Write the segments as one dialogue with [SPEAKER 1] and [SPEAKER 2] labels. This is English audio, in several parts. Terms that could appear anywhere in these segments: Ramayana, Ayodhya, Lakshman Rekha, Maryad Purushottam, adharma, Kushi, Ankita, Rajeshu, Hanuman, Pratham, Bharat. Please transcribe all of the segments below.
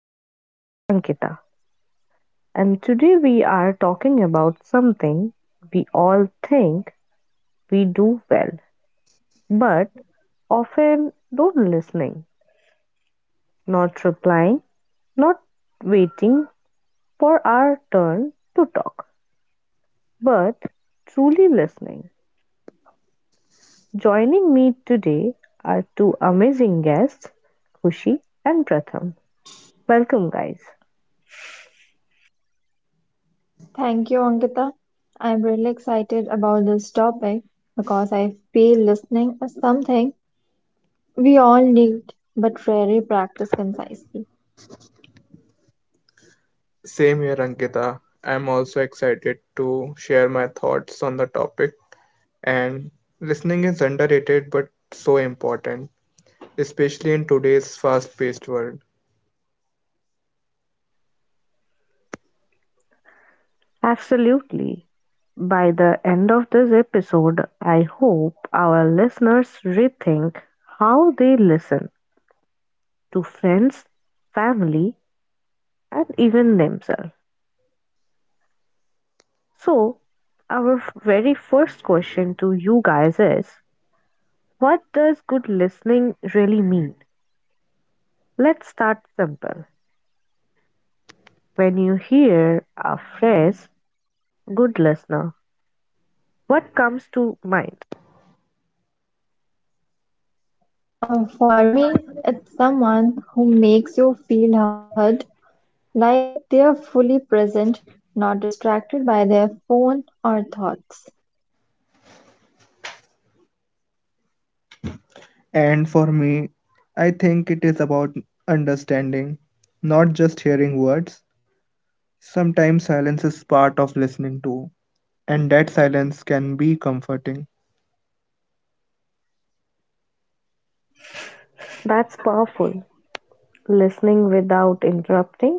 [SPEAKER 1] your host, Ankita, and today we are talking about something we all think we do well, but often don't listening, not replying, not waiting for our turn to talk, but truly listening. Joining me today are two amazing guests, Kushi and Pratham. Welcome, guys.
[SPEAKER 2] Thank you, Ankita. I'm really excited about this topic because I feel listening is something we all need but rarely practice concisely.
[SPEAKER 3] Same here, Ankita. I'm also excited to share my thoughts on the topic. And listening is underrated but so important, especially in today's fast paced world.
[SPEAKER 1] Absolutely. By the end of this episode, I hope our listeners rethink how they listen to friends, family, and even themselves. So, our very first question to you guys is, what does good listening really mean? Let's start simple. When you hear a phrase, good listener, what comes to mind?
[SPEAKER 2] For me, it's someone who makes you feel heard, like they are fully present, not distracted by their phone or thoughts.
[SPEAKER 3] And for me, I think it is about understanding, not just hearing words. Sometimes silence is part of listening too, and that silence can be comforting.
[SPEAKER 1] That's powerful. Listening without interrupting,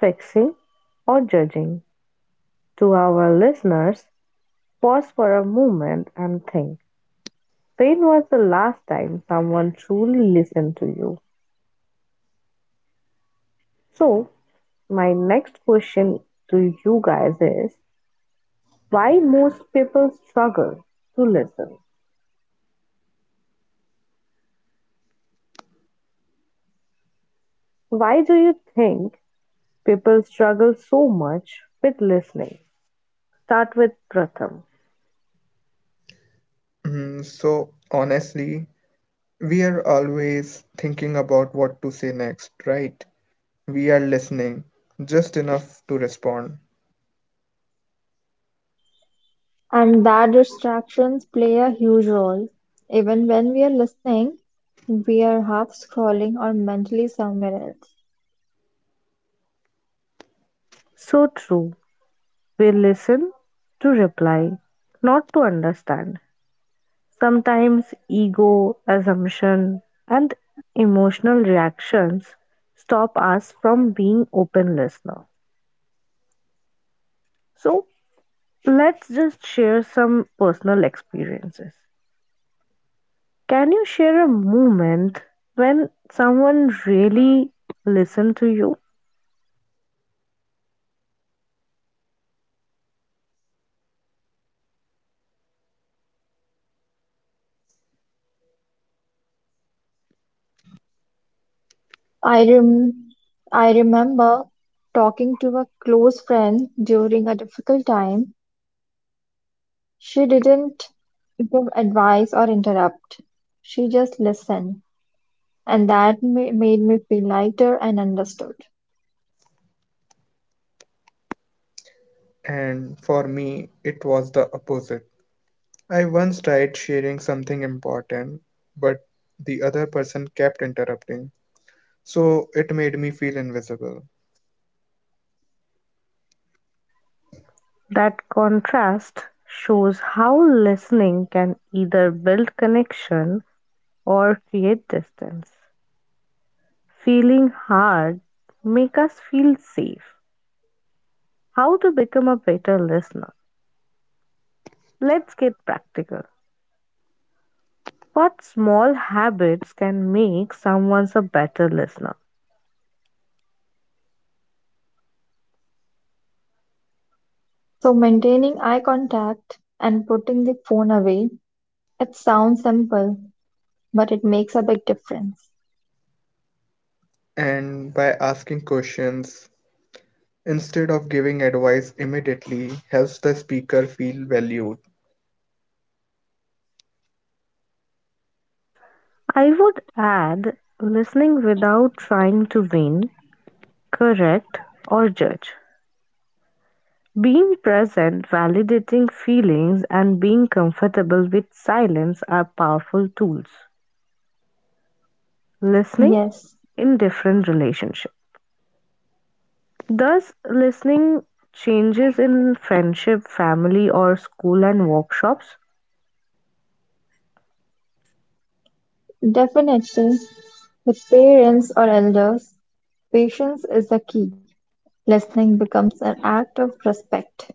[SPEAKER 1] fixing, or judging. To our listeners, pause for a moment and think. When was the last time someone truly listened to you? So, my next question to you guys is, why most people struggle to listen? Why do you think people struggle so much with listening? Start with Pratham.
[SPEAKER 3] Honestly, we are always thinking about what to say next, right? We are listening just enough to respond.
[SPEAKER 2] And that distractions play a huge role. Even when we are listening, we are half scrolling or mentally somewhere else.
[SPEAKER 1] So true. We listen to reply, not to understand. Sometimes ego, assumption, and emotional reactions stop us from being open listener. So let's just share some personal experiences. Can you share a moment when someone really listened to you?
[SPEAKER 2] I remember talking to a close friend during a difficult time. She didn't give advice or interrupt. She just listened, and made me feel lighter and understood.
[SPEAKER 3] And for me, it was the opposite. I once tried sharing something important, but the other person kept interrupting. So it made me feel invisible.
[SPEAKER 1] That contrast shows how listening can either build connection or create distance. Feeling hard make us feel safe. How to become a better listener? Let's get practical. What small habits can make someone a better listener?
[SPEAKER 2] So, maintaining eye contact and putting the phone away, it sounds simple, but it makes a big difference.
[SPEAKER 3] And by asking questions instead of giving advice immediately helps the speaker feel valued.
[SPEAKER 1] I would add listening without trying to win, correct, or judge. Being present, validating feelings, and being comfortable with silence are powerful tools. Listening
[SPEAKER 2] Yes,
[SPEAKER 1] in different relationships. Thus, listening changes in friendship, family, or school and workshops.
[SPEAKER 2] definitely. With parents or elders, patience is the key. Listening becomes an act of respect.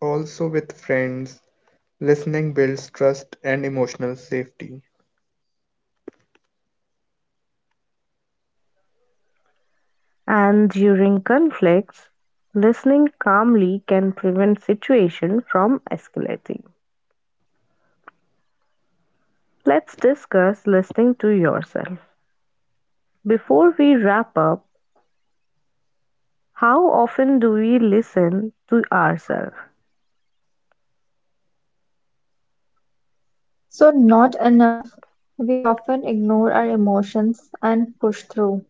[SPEAKER 3] Also, with friends, listening builds trust and emotional safety.
[SPEAKER 1] And during conflicts, listening calmly can prevent situation from escalating. Let's discuss listening to yourself. Before we wrap up, how often do we listen to ourselves?
[SPEAKER 2] So not enough, we often ignore our emotions and push through.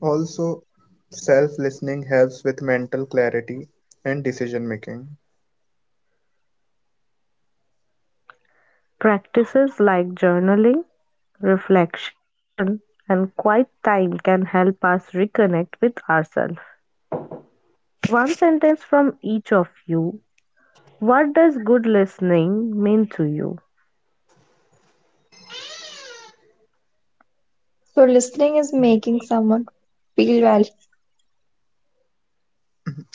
[SPEAKER 3] Also, self listening helps with mental clarity and decision making.
[SPEAKER 1] Practices like journaling, reflection, and quiet time can help us reconnect with ourselves. One sentence from each of you. What does good listening mean to you?
[SPEAKER 2] So listening is making someone feel valued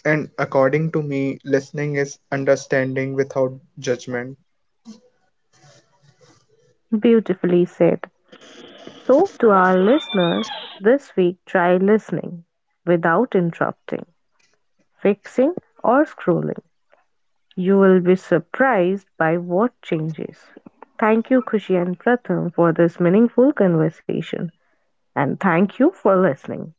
[SPEAKER 3] And according to me, listening is understanding without judgment.
[SPEAKER 1] Beautifully said. So to our listeners, this week try listening without interrupting, fixing, or scrolling. You will be surprised by what changes. Thank you, Kushi and Pratham, for this meaningful conversation, and thank you for listening.